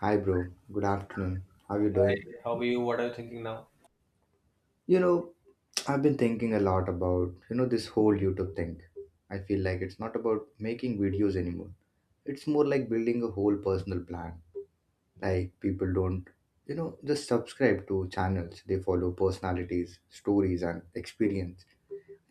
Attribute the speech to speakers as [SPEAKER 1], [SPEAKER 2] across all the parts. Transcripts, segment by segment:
[SPEAKER 1] Hi, bro. Good afternoon. How you doing?
[SPEAKER 2] How are you? What are you thinking now?
[SPEAKER 1] You know, I've been thinking a lot about, this whole YouTube thing. I feel like it's not about making videos anymore. It's more like building a whole personal plan. Like people don't, just subscribe to channels. They follow personalities, stories and experience.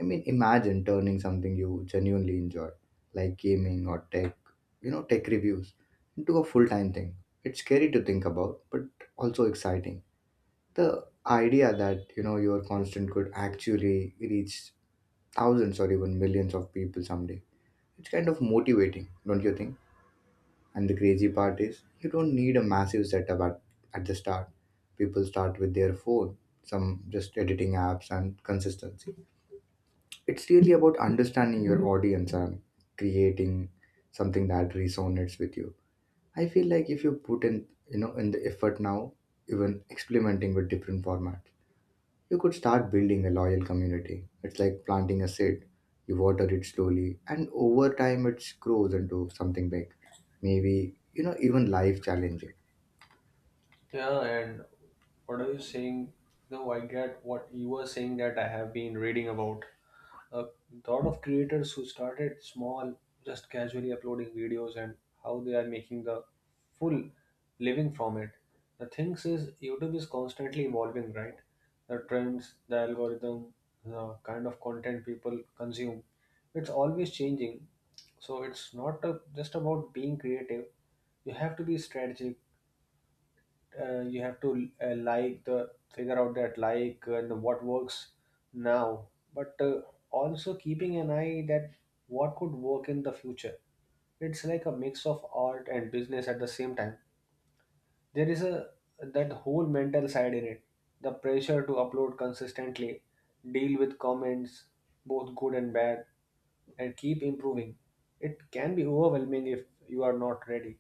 [SPEAKER 1] I mean, imagine turning something you genuinely enjoy, like gaming or tech, tech reviews into a full-time thing. It's scary to think about, but also exciting. The idea that your constant could actually reach thousands or even millions of people someday. It's kind of motivating, don't you think? And the crazy part is, you don't need a massive setup at the start. People start with their phone, some just editing apps and consistency. It's really about understanding your audience and creating something that resonates with you. I feel like if you put in you know in the effort now, even experimenting with different formats, you could start building a loyal community. It's like planting a seed. You water it slowly, and over time it grows into something big. Maybe, even life challenging.
[SPEAKER 2] Yeah, and what are you saying? No, I get what you were saying that I have been reading about. A lot of creators who started small, just casually uploading videos and how they are making the full living from it. The things is YouTube is constantly evolving, right? The trends, the algorithm, the kind of content people consume, it's always changing. So it's not a, just about being creative. You have to be strategic. You have to like the figure out that like and what works now but also keeping an eye that what could work in the future. It's like a mix of art and business at the same time. There is a that whole mental side in it. The pressure to upload consistently, deal with comments, both good and bad, and keep improving. It can be overwhelming if you are not ready,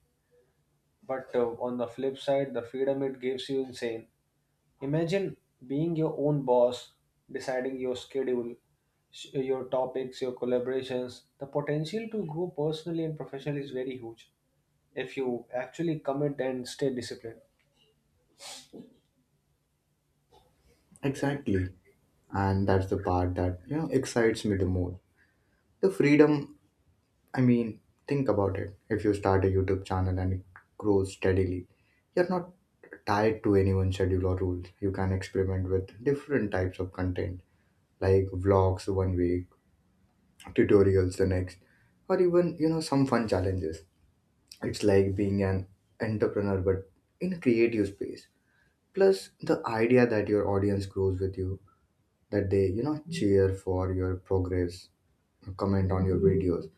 [SPEAKER 2] but on the flip side, the freedom it gives you insane. Imagine being your own boss, deciding your schedule, your topics, your collaborations. The potential to grow personally and professionally is very huge if you actually commit and stay disciplined.
[SPEAKER 1] Exactly. And that's the part that, excites me the most. The freedom, I mean, think about it. If you start a YouTube channel and it grows steadily, you're not tied to anyone's schedule or rules. You can experiment with different types of content, like vlogs one week, tutorials the next, or even some fun challenges. It's like being an entrepreneur, but in a creative space. Plus, the idea that your audience grows with you, that they cheer for your progress, comment on your videos,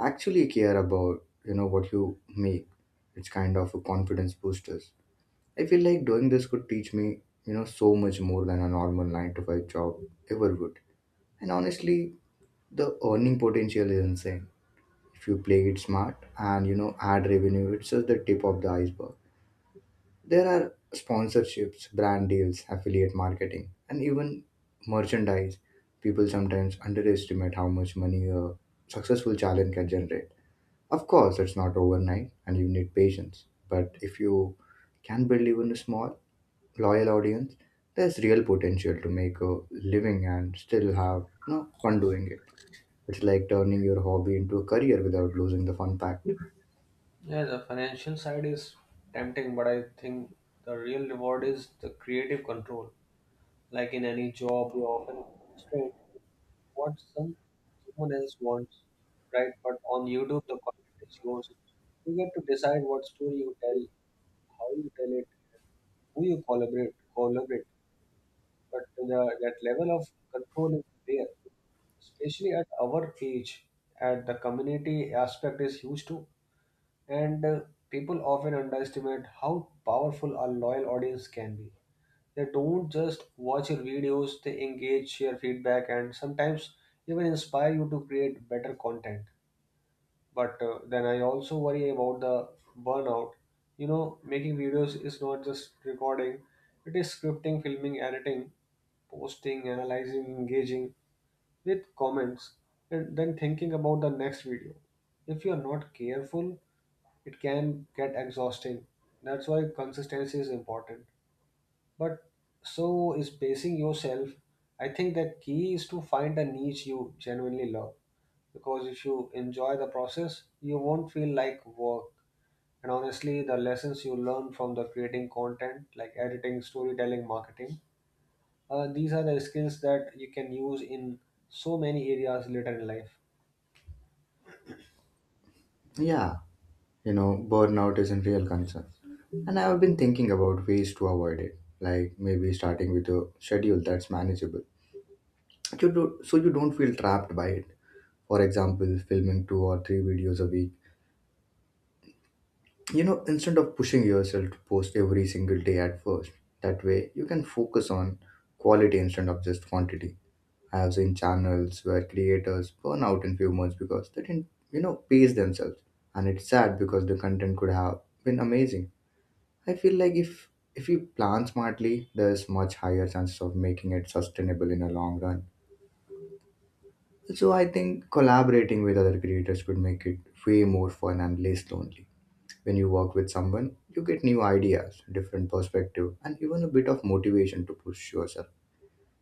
[SPEAKER 1] actually care about what you make. It's kind of a confidence boosters. I feel like doing this could teach me so much more than a normal 9 to 5 job ever would. And honestly, the earning potential is insane if you play it smart, and ad revenue, it's just the tip of the iceberg. There are sponsorships, brand deals, affiliate marketing, and even merchandise. People sometimes underestimate how much money a successful challenge can generate. Of course, it's not overnight and you need patience, but if you can build even a small loyal audience, there's real potential to make a living and still have fun doing it. It's like turning your hobby into a career without losing the fun factor.
[SPEAKER 2] Yeah, the financial side is tempting, but I think the real reward is the creative control. Like in any job, you often constrained what someone else wants, right? But on YouTube, the content is yours. You get to decide what story you tell, how you tell it, who you collaborate. But the, that level of control is there, especially at our age. And the community aspect is huge too. And People often underestimate how powerful a loyal audience can be. They don't just watch your videos, they engage, share feedback, and sometimes even inspire you to create better content, but then I also worry about the burnout. You know, making videos is not just recording, it is scripting, filming, editing, posting, analyzing, engaging with comments, and then thinking about the next video. If you are not careful, it can get exhausting. That's why consistency is important. But so is pacing yourself. I think the key is to find a niche you genuinely love. Because if you enjoy the process, you won't feel like work. And honestly, the lessons you learn from the creating content, like editing, storytelling, marketing, these are the skills that you can use in so many areas later in life.
[SPEAKER 1] Yeah, burnout is a real concern. And I've been thinking about ways to avoid it, like maybe starting with a schedule that's manageable. You do, so you don't feel trapped by it. For example, filming two or three videos a week. Instead of pushing yourself to post every single day at first, that way you can focus on quality instead of just quantity. I have seen channels where creators burn out in few months because they didn't, pace themselves. And it's sad because the content could have been amazing. I feel like if we plan smartly, there's much higher chances of making it sustainable in the long run. So I think collaborating with other creators could make it way more fun and less lonely. When you work with someone, you get new ideas, different perspective, and even a bit of motivation to push yourself.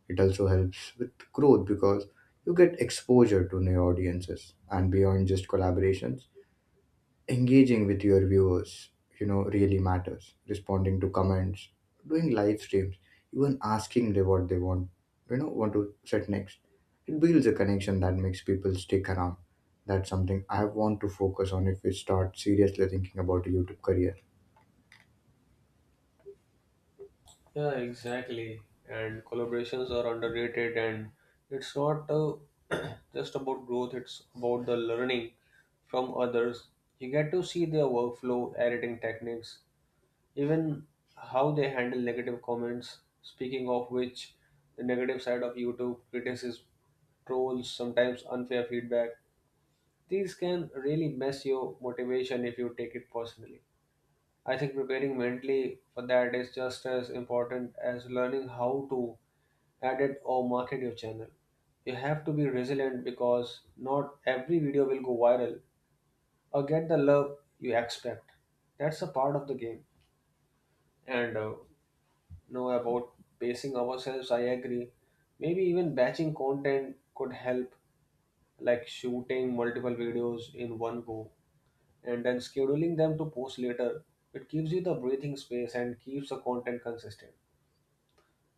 [SPEAKER 1] It also helps with growth because you get exposure to new audiences. And beyond just collaborations, engaging with your viewers really matters. Responding to comments, doing live streams, even asking them what they want you know want to set next. It builds a connection that makes people stick around. That's something I want to focus on if we start seriously thinking about a YouTube career.
[SPEAKER 2] Yeah, exactly. And collaborations are underrated, and it's not just about growth, it's about the learning from others. You get to see their workflow, editing techniques, even how they handle negative comments. Speaking of which, the negative side of YouTube, criticism, trolls, sometimes unfair feedback, these can really mess your motivation if you take it personally. I think preparing mentally for that is just as important as learning how to edit or market your channel. You have to be resilient because not every video will go viral or get the love you expect. That's a part of the game. And Know about pacing ourselves, I agree. Maybe even batching content could help, like shooting multiple videos in one go and then scheduling them to post later. It gives you the breathing space and keeps the content consistent.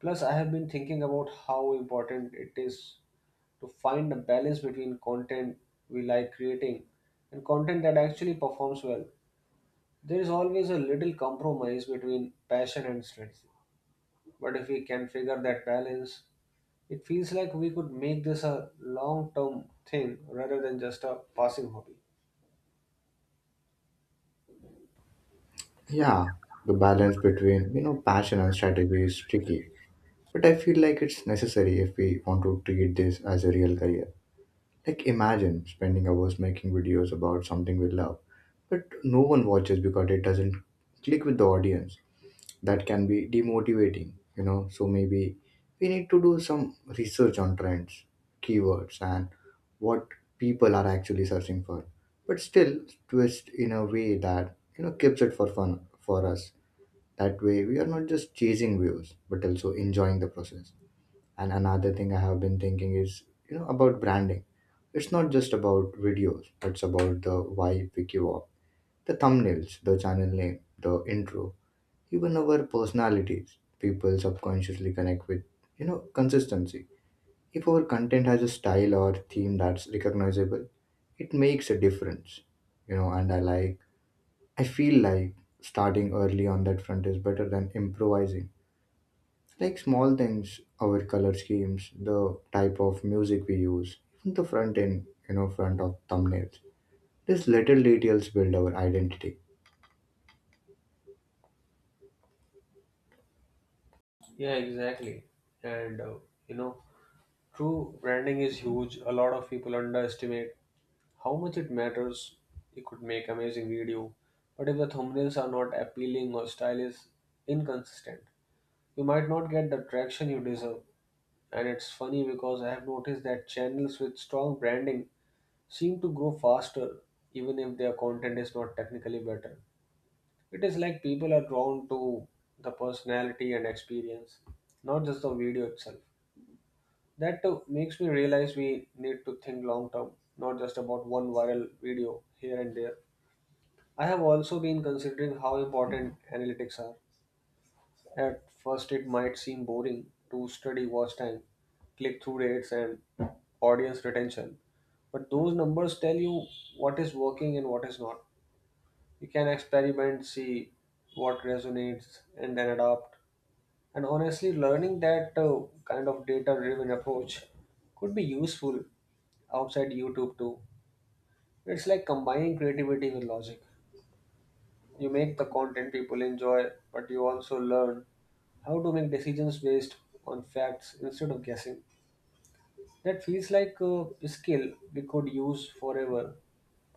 [SPEAKER 2] Plus, I have been thinking about how important it is to find a balance between content we like creating and content that actually performs well. There is always a little compromise between passion and strategy. But if we can figure that balance, it feels like we could make this a long term thing rather than just a passing hobby.
[SPEAKER 1] Yeah, the balance between passion and strategy is tricky, but I feel like it's necessary if we want to treat this as a real career. Like, imagine spending hours making videos about something we love, but no one watches because it doesn't click with the audience. That can be demotivating, you know. So maybe we need to do some research on trends, keywords, and what people are actually searching for. But still, twist in a way that keeps it for fun for us. That way, we are not just chasing views, but also enjoying the process. And another thing I have been thinking is, about branding. It's not just about videos, it's about the vibe we give off, the thumbnails, the channel name, the intro, even our personalities. People subconsciously connect with, consistency. If our content has a style or theme that's recognizable, it makes a difference, and I like, I feel like starting early on that front is better than improvising, like small things, our color schemes, the type of music we use, even the front end, front of thumbnails. These little details build our identity.
[SPEAKER 2] Yeah, exactly. And uh, you know, True, branding is huge. A lot of people underestimate how much it matters. You could make amazing video, but if the thumbnails are not appealing or style is inconsistent, you might not get the traction you deserve. And it's funny because I have noticed that channels with strong branding seem to grow faster even if their content is not technically better. It is like people are drawn to the personality and experience, not just the video itself. That too makes me realize we need to think long term, not just about one viral video here and there. I have also been considering how important analytics are. At first, it might seem boring to study watch time, click through rates, and audience retention, but those numbers tell you what is working and what is not. You can experiment, see what resonates, and then adapt. And honestly, learning that kind of data driven approach could be useful outside YouTube too. It's like combining creativity with logic. You make the content people enjoy, but you also learn how to make decisions based on facts instead of guessing. That feels like a skill we could use forever,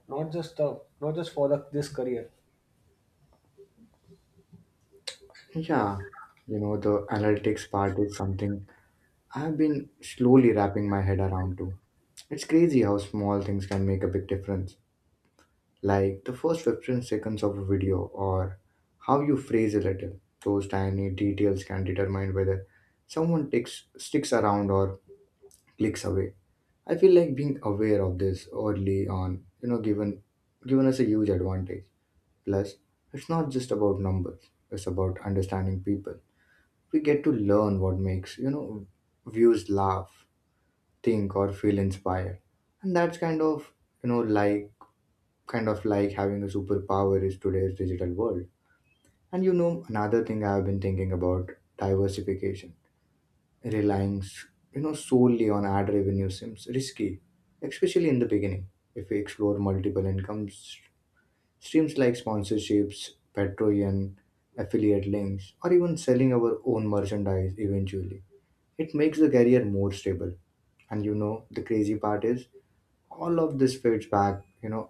[SPEAKER 2] not just for the, this career.
[SPEAKER 1] Yeah, the analytics part is something I've been slowly wrapping my head around too. It's crazy how small things can make a big difference. Like the first 15 seconds of a video or how you phrase a little. Those tiny details can determine whether someone takes, sticks around or clicks away. I feel like being aware of this early on, given us a huge advantage. Plus, it's not just about numbers; it's about understanding people. We get to learn what makes views laugh, think, or feel inspired, and that's you know like kind of like having a superpower is today's digital world. And another thing I have been thinking about, diversification. Relying solely on ad revenue seems risky, especially in the beginning. If we explore multiple income streams like sponsorships, patreon, affiliate links, or even selling our own merchandise eventually, it makes the career more stable. And the crazy part is, all of this fits back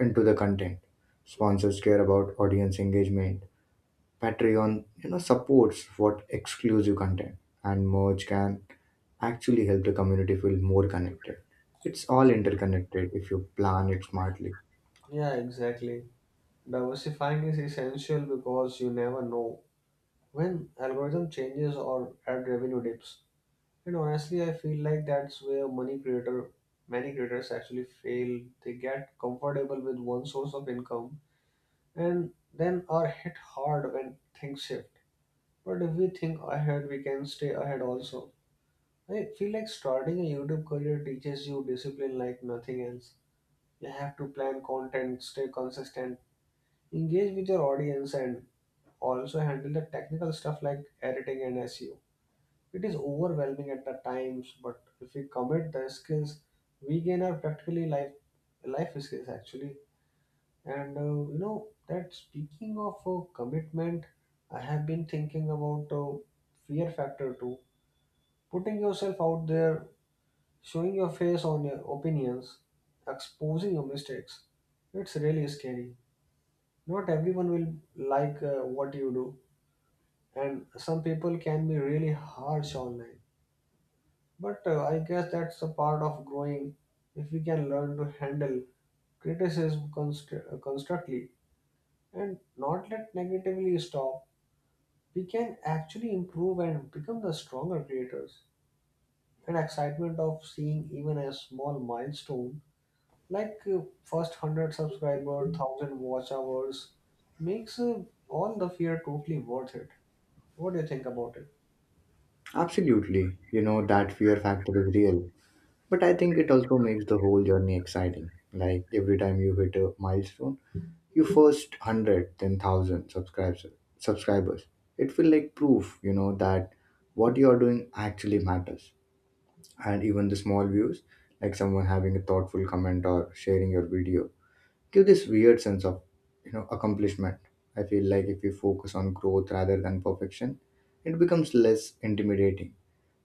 [SPEAKER 1] into the content. Sponsors care about audience engagement, Patreon, supports what exclusive content, and merge can actually help the community feel more connected. It's all interconnected if you plan it smartly.
[SPEAKER 2] Yeah, exactly. Diversifying is essential because you never know when algorithm changes or ad revenue dips. And honestly, I feel like that's where money creator many creators actually fail. They get comfortable with one source of income and then are hit hard when things shift. But if we think ahead, we can stay ahead also. I feel like starting a YouTube career teaches you discipline like nothing else. You have to plan content, stay consistent, engage with your audience, and also handle the technical stuff like editing and SEO. It is overwhelming at the times, but if we commit the skills, we gain our practically life skills actually. And you know that speaking of Commitment, I have been thinking about fear factor too. Putting yourself out there, showing your face on your opinions, exposing your mistakes. It's really scary. Not everyone will like what you do, and some people can be really harsh online. But I guess that's a part of growing. If we can learn to handle constructively and not let negatively stop, we can actually improve and become the stronger creators. And excitement of seeing even a small milestone like first 100 subscriber, 1,000 watch hours makes all the fear totally worth it. What do you think about it?
[SPEAKER 1] Absolutely, that fear factor is real. But I think it also makes the whole journey exciting. Like every time you hit a milestone, you first 100, then 1,000 subscribers. It feels like proof, that what you are doing actually matters. And even the small views, like someone having a thoughtful comment or sharing your video, give this weird sense of accomplishment. I feel like if we focus on growth rather than perfection, it becomes less intimidating.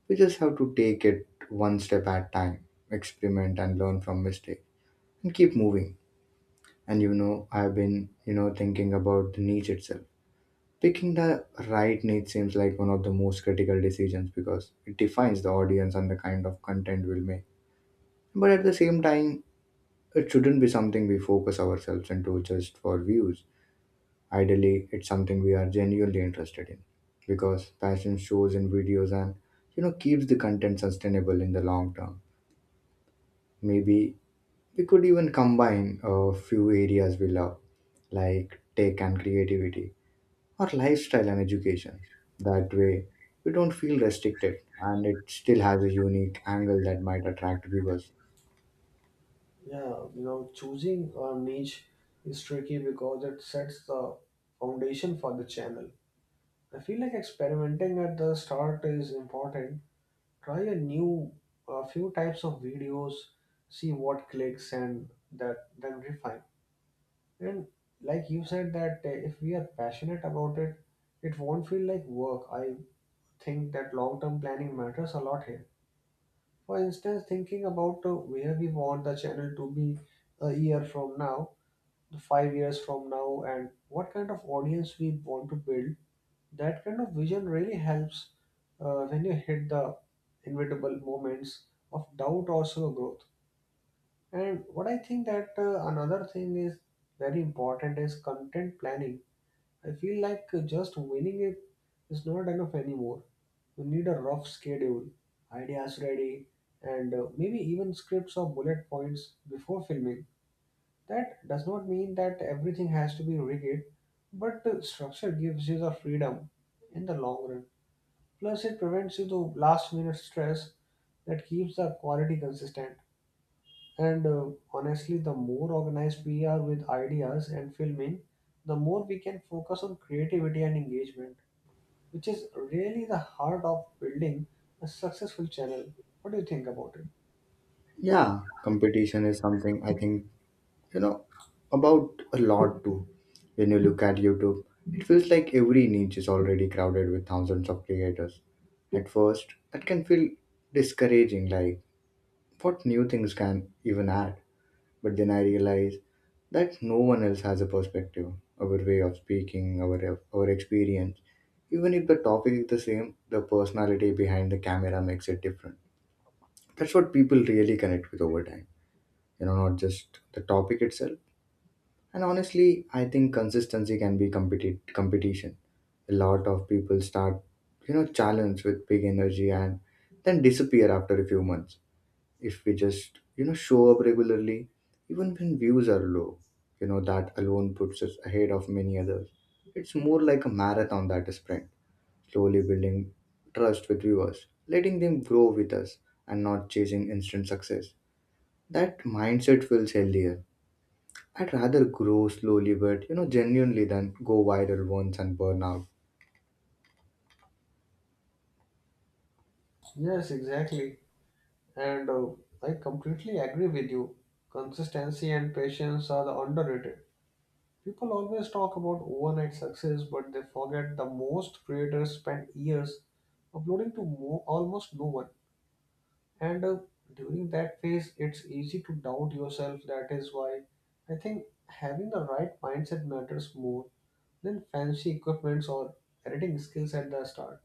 [SPEAKER 1] We just have to take it one step at a time, experiment and learn from mistake, and keep moving. And I've been thinking about the niche itself. Picking the right niche seems like one of the most critical decisions because it defines the audience and the kind of content we'll make. But at the same time, it shouldn't be something we focus ourselves into just for views. Ideally, it's something we are genuinely interested in because passion shows in videos and keeps the content sustainable in the long term. Maybe we could even combine a few areas we love, like tech and creativity, or lifestyle and education. That way, we don't feel restricted and it still has a unique angle that might attract viewers.
[SPEAKER 2] Yeah, you know, choosing a niche is tricky because it sets the foundation for the channel. I feel like experimenting at the start is important. Try a new, a few types of videos, see what clicks, and that then refine. And like you said, that if we are passionate about it, it won't feel like work. I think that long-term planning matters a lot here. For instance, thinking about where we want the channel to be a year from now, the 5 years from now, and what kind of audience we want to build. That kind of vision really helps when you hit the inevitable moments of doubt or slow growth. And what I think that Another thing is very important is content planning. I feel like just winning it is not enough anymore. You need a rough schedule, ideas ready, and maybe even scripts or bullet points before filming. That does not mean that everything has to be rigid, but the structure gives you the freedom in the long run. Plus, it prevents you the last minute stress that keeps the quality consistent. And Honestly, the more organized we are with ideas and filming, the more we can focus on creativity and engagement, which is really the heart of building a successful channel. What do you think about it?
[SPEAKER 1] Yeah, competition is something I think you know about a lot too. When you look at YouTube, it feels like every niche is already crowded with thousands of creators. At first that can feel discouraging, like what new things can even add. But then I realize that no one else has a perspective, our way of speaking, our experience. Even if the topic is the same, the personality behind the camera makes it different. That's what people really connect with over time, not just the topic itself. And honestly, I think consistency can be competition. A lot of people start, challenge with big energy and then disappear after a few months. If we just, show up regularly, even when views are low, that alone puts us ahead of many others. It's more like a marathon than a sprint, slowly building trust with viewers, letting them grow with us and not chasing instant success. That mindset feels healthier. I'd rather grow slowly but genuinely than go viral once and burn out.
[SPEAKER 2] Yes, exactly. And I completely agree with you. Consistency and patience are the underrated. People always talk about overnight success, but they forget the most creators spend years uploading to almost no one. And During that phase, it's easy to doubt yourself. That is why I think having the right mindset matters more than fancy equipments or editing skills at the start.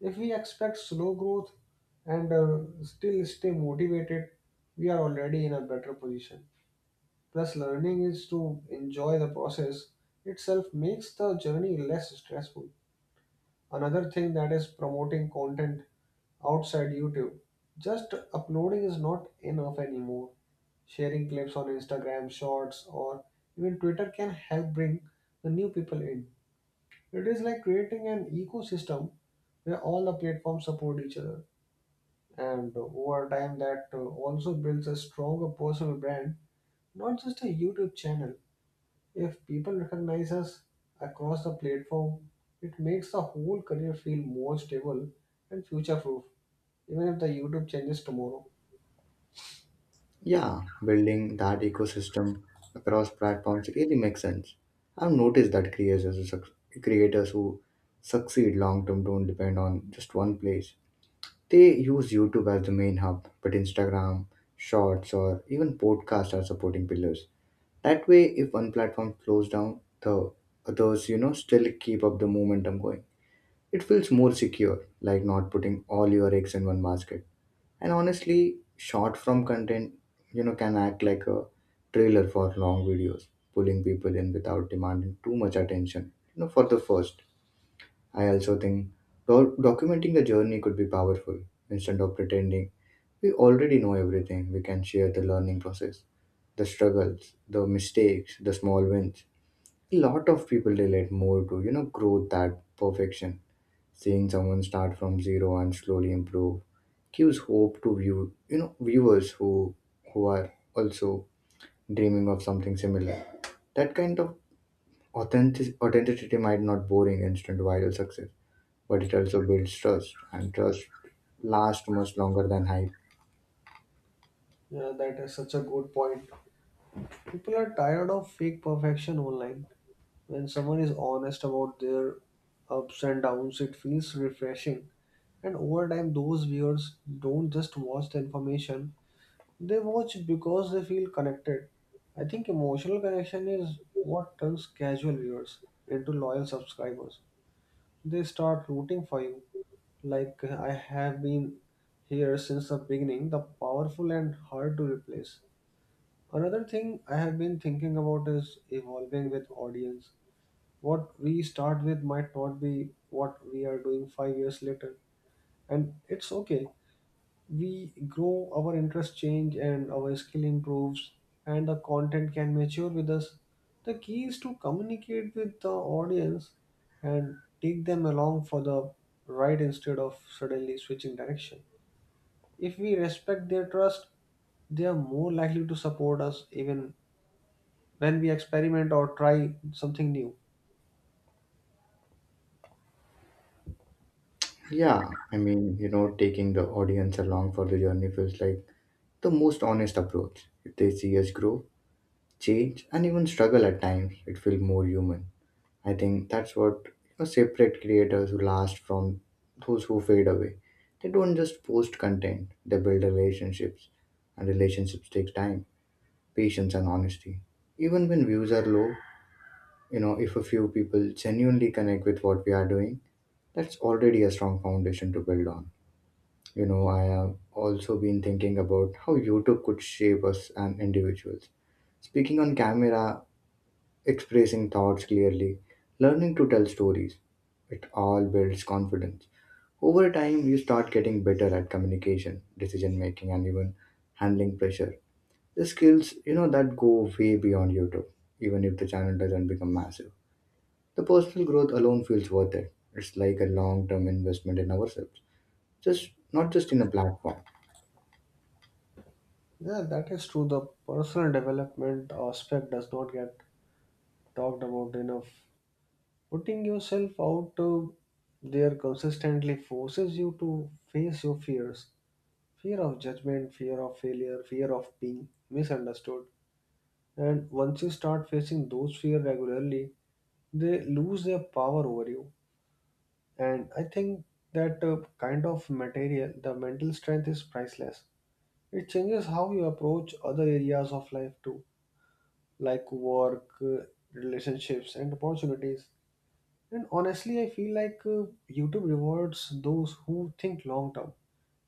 [SPEAKER 2] If we expect slow growth and still stay motivated, we are already in a better position. Plus, learning is to enjoy the process itself makes the journey less stressful. Another thing that is promoting content outside YouTube. Just uploading is not enough anymore. Sharing clips on Instagram, Shorts, or even Twitter can help bring the new people in. It is like creating an ecosystem where all the platforms support each other, and over time that also builds a stronger personal brand, not just a YouTube channel. If people recognize us across the platform, it makes the whole career feel more stable and future proof, even if the YouTube changes tomorrow.
[SPEAKER 1] Yeah, building that ecosystem across platforms really makes sense. I've noticed that creators who succeed long term don't depend on just one place. They use YouTube as the main hub, but Instagram, Shorts, or even podcasts are supporting pillars. That way, if one platform slows down, the others still keep up the momentum going. It feels more secure, like not putting all your eggs in one basket. And honestly, short form content, can act like a trailer for long videos, pulling people in without demanding too much attention. You know, for the first, I also think documenting the journey could be powerful. Instead of pretending we already know everything, we can share the learning process, the struggles, the mistakes, the small wins. A lot of people relate more to growth than perfection. Seeing someone start from zero and slowly improve gives hope to viewers who are also dreaming of something similar. That kind of authenticity might not boring instant viral success, but it also builds trust, and trust lasts much longer than hype.
[SPEAKER 2] Yeah, that is such a good point. People are tired of fake perfection online. When someone is honest about their ups and downs, it feels refreshing, and over time those viewers don't just watch the information. They watch because they feel connected. I think emotional connection is what turns casual viewers into loyal subscribers. They start rooting for you, like, I have been here since the beginning, the powerful and hard to replace. Another thing I have been thinking about is evolving with audience. What we start with might not be what we are doing 5 years later, and it's okay. We grow, our interests change, and our skill improves, and the content can mature with us. The key is to communicate with the audience and take them along for the ride instead of suddenly switching direction. If we respect their trust, they are more likely to support us even when we experiment or try something new.
[SPEAKER 1] Yeah, I mean, you know, taking the audience along for the journey feels like the most honest approach. If they see us grow, change, and even struggle at times, it feels more human. I think that's what, separate creators who last from those who fade away. They don't just post content, they build relationships. And relationships take time, patience and honesty. Even when views are low, you know, if a few people genuinely connect with what we are doing, that's already a strong foundation to build on. You know, I have also been thinking about how YouTube could shape us and individuals. Speaking on camera, expressing thoughts clearly, learning to tell stories. It all builds confidence. Over time, you start getting better at communication, decision making, and even handling pressure. The skills, you know, that go way beyond YouTube, even if the channel doesn't become massive. The personal growth alone feels worth it. It's like a long term investment in ourselves, just not just in a platform.
[SPEAKER 2] Yeah, that is true. The personal development aspect does not get talked about enough. Putting yourself out there consistently forces you to face your fears, fear of judgment, fear of failure, fear of being misunderstood. And once you start facing those fears regularly, they lose their power over you. And I think that kind of material, the mental strength is priceless. It changes how you approach other areas of life too, like work, relationships, and opportunities. And honestly, I feel like YouTube rewards those who think long term.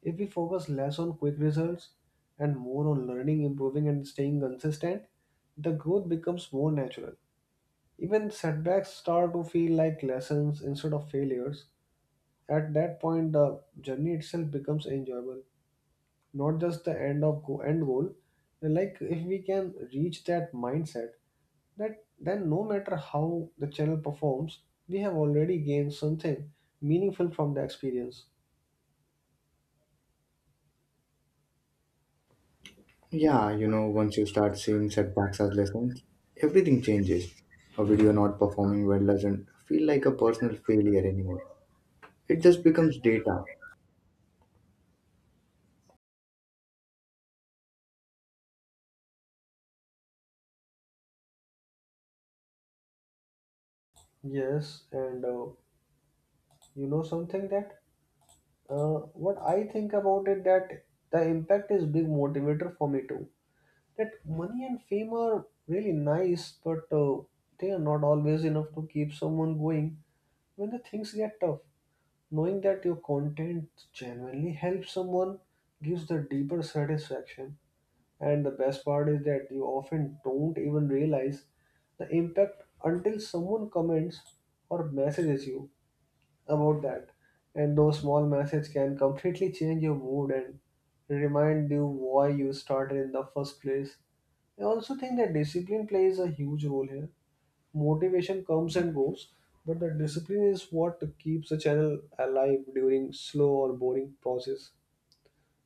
[SPEAKER 2] If we focus less on quick results and more on learning, improving, and staying consistent, the growth becomes more natural. Even setbacks start to feel like lessons instead of failures. At that point, the journey itself becomes enjoyable, not just the end goal. Like if we can reach that mindset, that then no matter how the channel performs, we have already gained something meaningful from the experience.
[SPEAKER 1] Yeah, you know, once you start seeing setbacks as lessons, everything changes. A video not performing well doesn't feel like a personal failure anymore. It just becomes data.
[SPEAKER 2] Yes, and you know, something that what I think about it, that the impact is big motivator for me too. That money and fame are really nice, but they are not always enough to keep someone going when the things get tough. Knowing that your content genuinely helps someone gives the deeper satisfaction. And the best part is that you often don't even realize the impact until someone comments or messages you about that. And those small messages can completely change your mood and remind you why you started in the first place. I also think that discipline plays a huge role here. Motivation comes and goes, but the discipline is what keeps a channel alive during slow or boring process.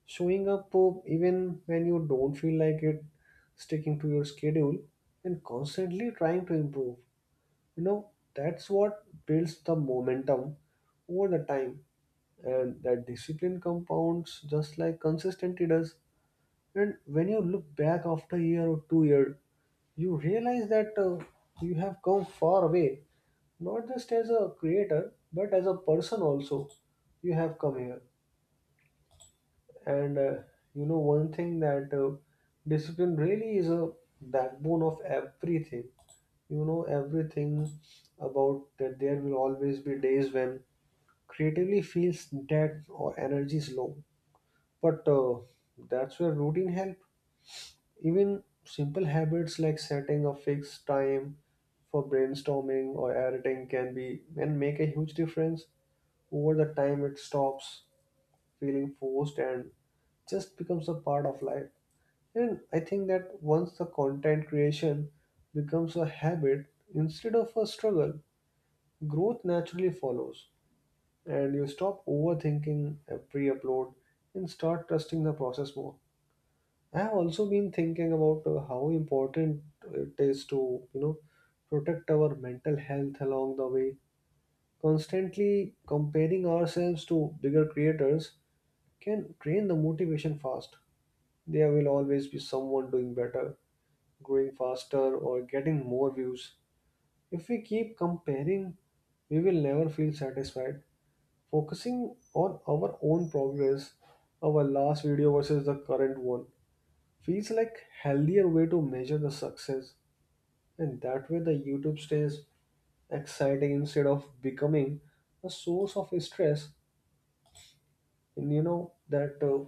[SPEAKER 2] Showing up, even when you don't feel like it, sticking to your schedule, and constantly trying to improve. You know, that's what builds the momentum over the time. And that discipline compounds just like consistency does. And when you look back after a year or 2 years, you realize that you have come far away, not just as a creator, but as a person also. You have come here. And you know, one thing that discipline really is a backbone of everything. You know, everything about that, there will always be days when creatively feels dead or energy is low. But that's where routine help. Even simple habits like setting a fixed time for brainstorming or editing can be and make a huge difference. Over the time, it stops feeling forced and just becomes a part of life. And I think that once the content creation becomes a habit instead of a struggle, growth naturally follows. And you stop overthinking pre upload and start trusting the process more. I have also been thinking about how important it is to, you know, protect our mental health along the way. Constantly comparing ourselves to bigger creators can drain the motivation fast. There will always be someone doing better, growing faster or getting more views. If we keep comparing, we will never feel satisfied. Focusing on our own progress, our last video versus the current one, feels like healthier way to measure the success. And that way the YouTube stays exciting instead of becoming a source of stress. And you know that,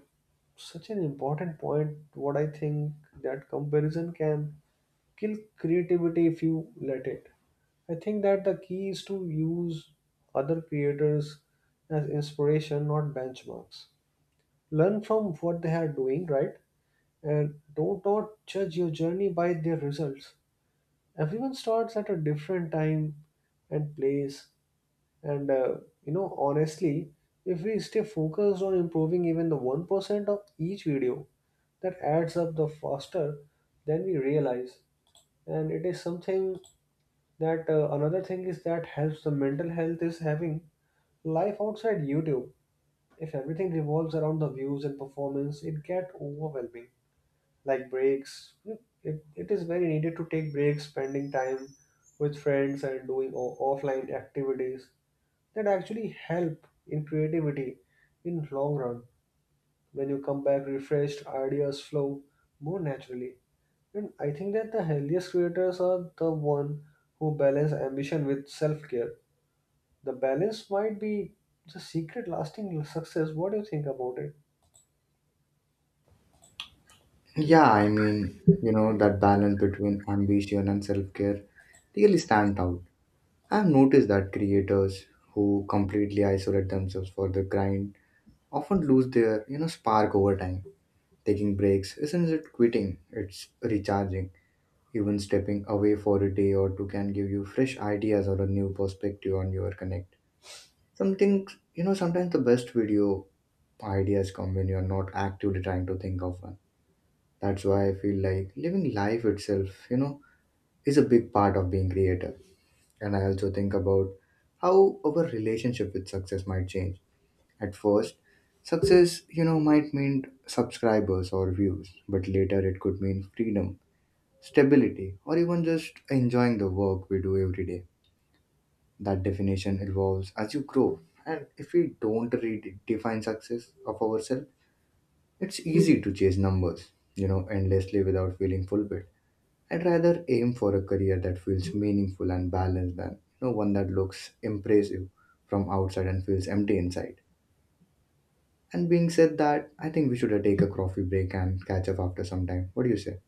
[SPEAKER 2] such an important point what I think, that comparison can kill creativity if you let it. I think that the key is to use other creators as inspiration, not benchmarks. Learn from what they are doing, right? And don't not judge your journey by their results. Everyone starts at a different time and place. And you know, honestly, if we stay focused on improving even the 1% of each video, that adds up the faster than we realize. And it is something that, another thing is that helps the mental health is having life outside YouTube. If everything revolves around the views and performance, it get overwhelming. Like breaks, it is very needed to take breaks, spending time with friends and doing offline activities that actually help in creativity in long run. When you come back refreshed, ideas flow more naturally. And I think that the healthiest creators are the one who balance ambition with self-care. The balance might be the secret lasting success. What do you think about it?
[SPEAKER 1] Yeah, I mean, you know, that balance between ambition and self care really stand out. I've noticed that creators who completely isolate themselves for the grind often lose their, you know, spark over time. Taking breaks isn't it quitting, it's recharging. Even stepping away for a day or two can give you fresh ideas or a new perspective on your connect. Something, you know, sometimes the best video ideas come when you're not actively trying to think of one. That's why I feel like living life itself, you know, is a big part of being creative. And I also think about how our relationship with success might change. At first, success, you know, might mean subscribers or views, but later it could mean freedom, stability, or even just enjoying the work we do every day. That definition evolves as you grow, and if we don't redefine success of ourselves, it's easy to chase numbers, you know, endlessly without feeling fulfilled. I'd rather aim for a career that feels meaningful and balanced than, one that looks impressive from outside and feels empty inside. And being said that, I think we should take a coffee break and catch up after some time. What do you say?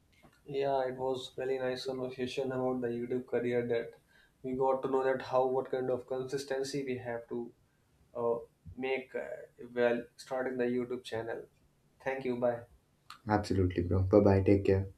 [SPEAKER 2] Yeah, it was really nice conversation about the YouTube career, that we got to know that how what kind of consistency we have to uh, make while starting the YouTube channel. Thank you. Bye.
[SPEAKER 1] Absolutely, bro. Bye bye. Take care.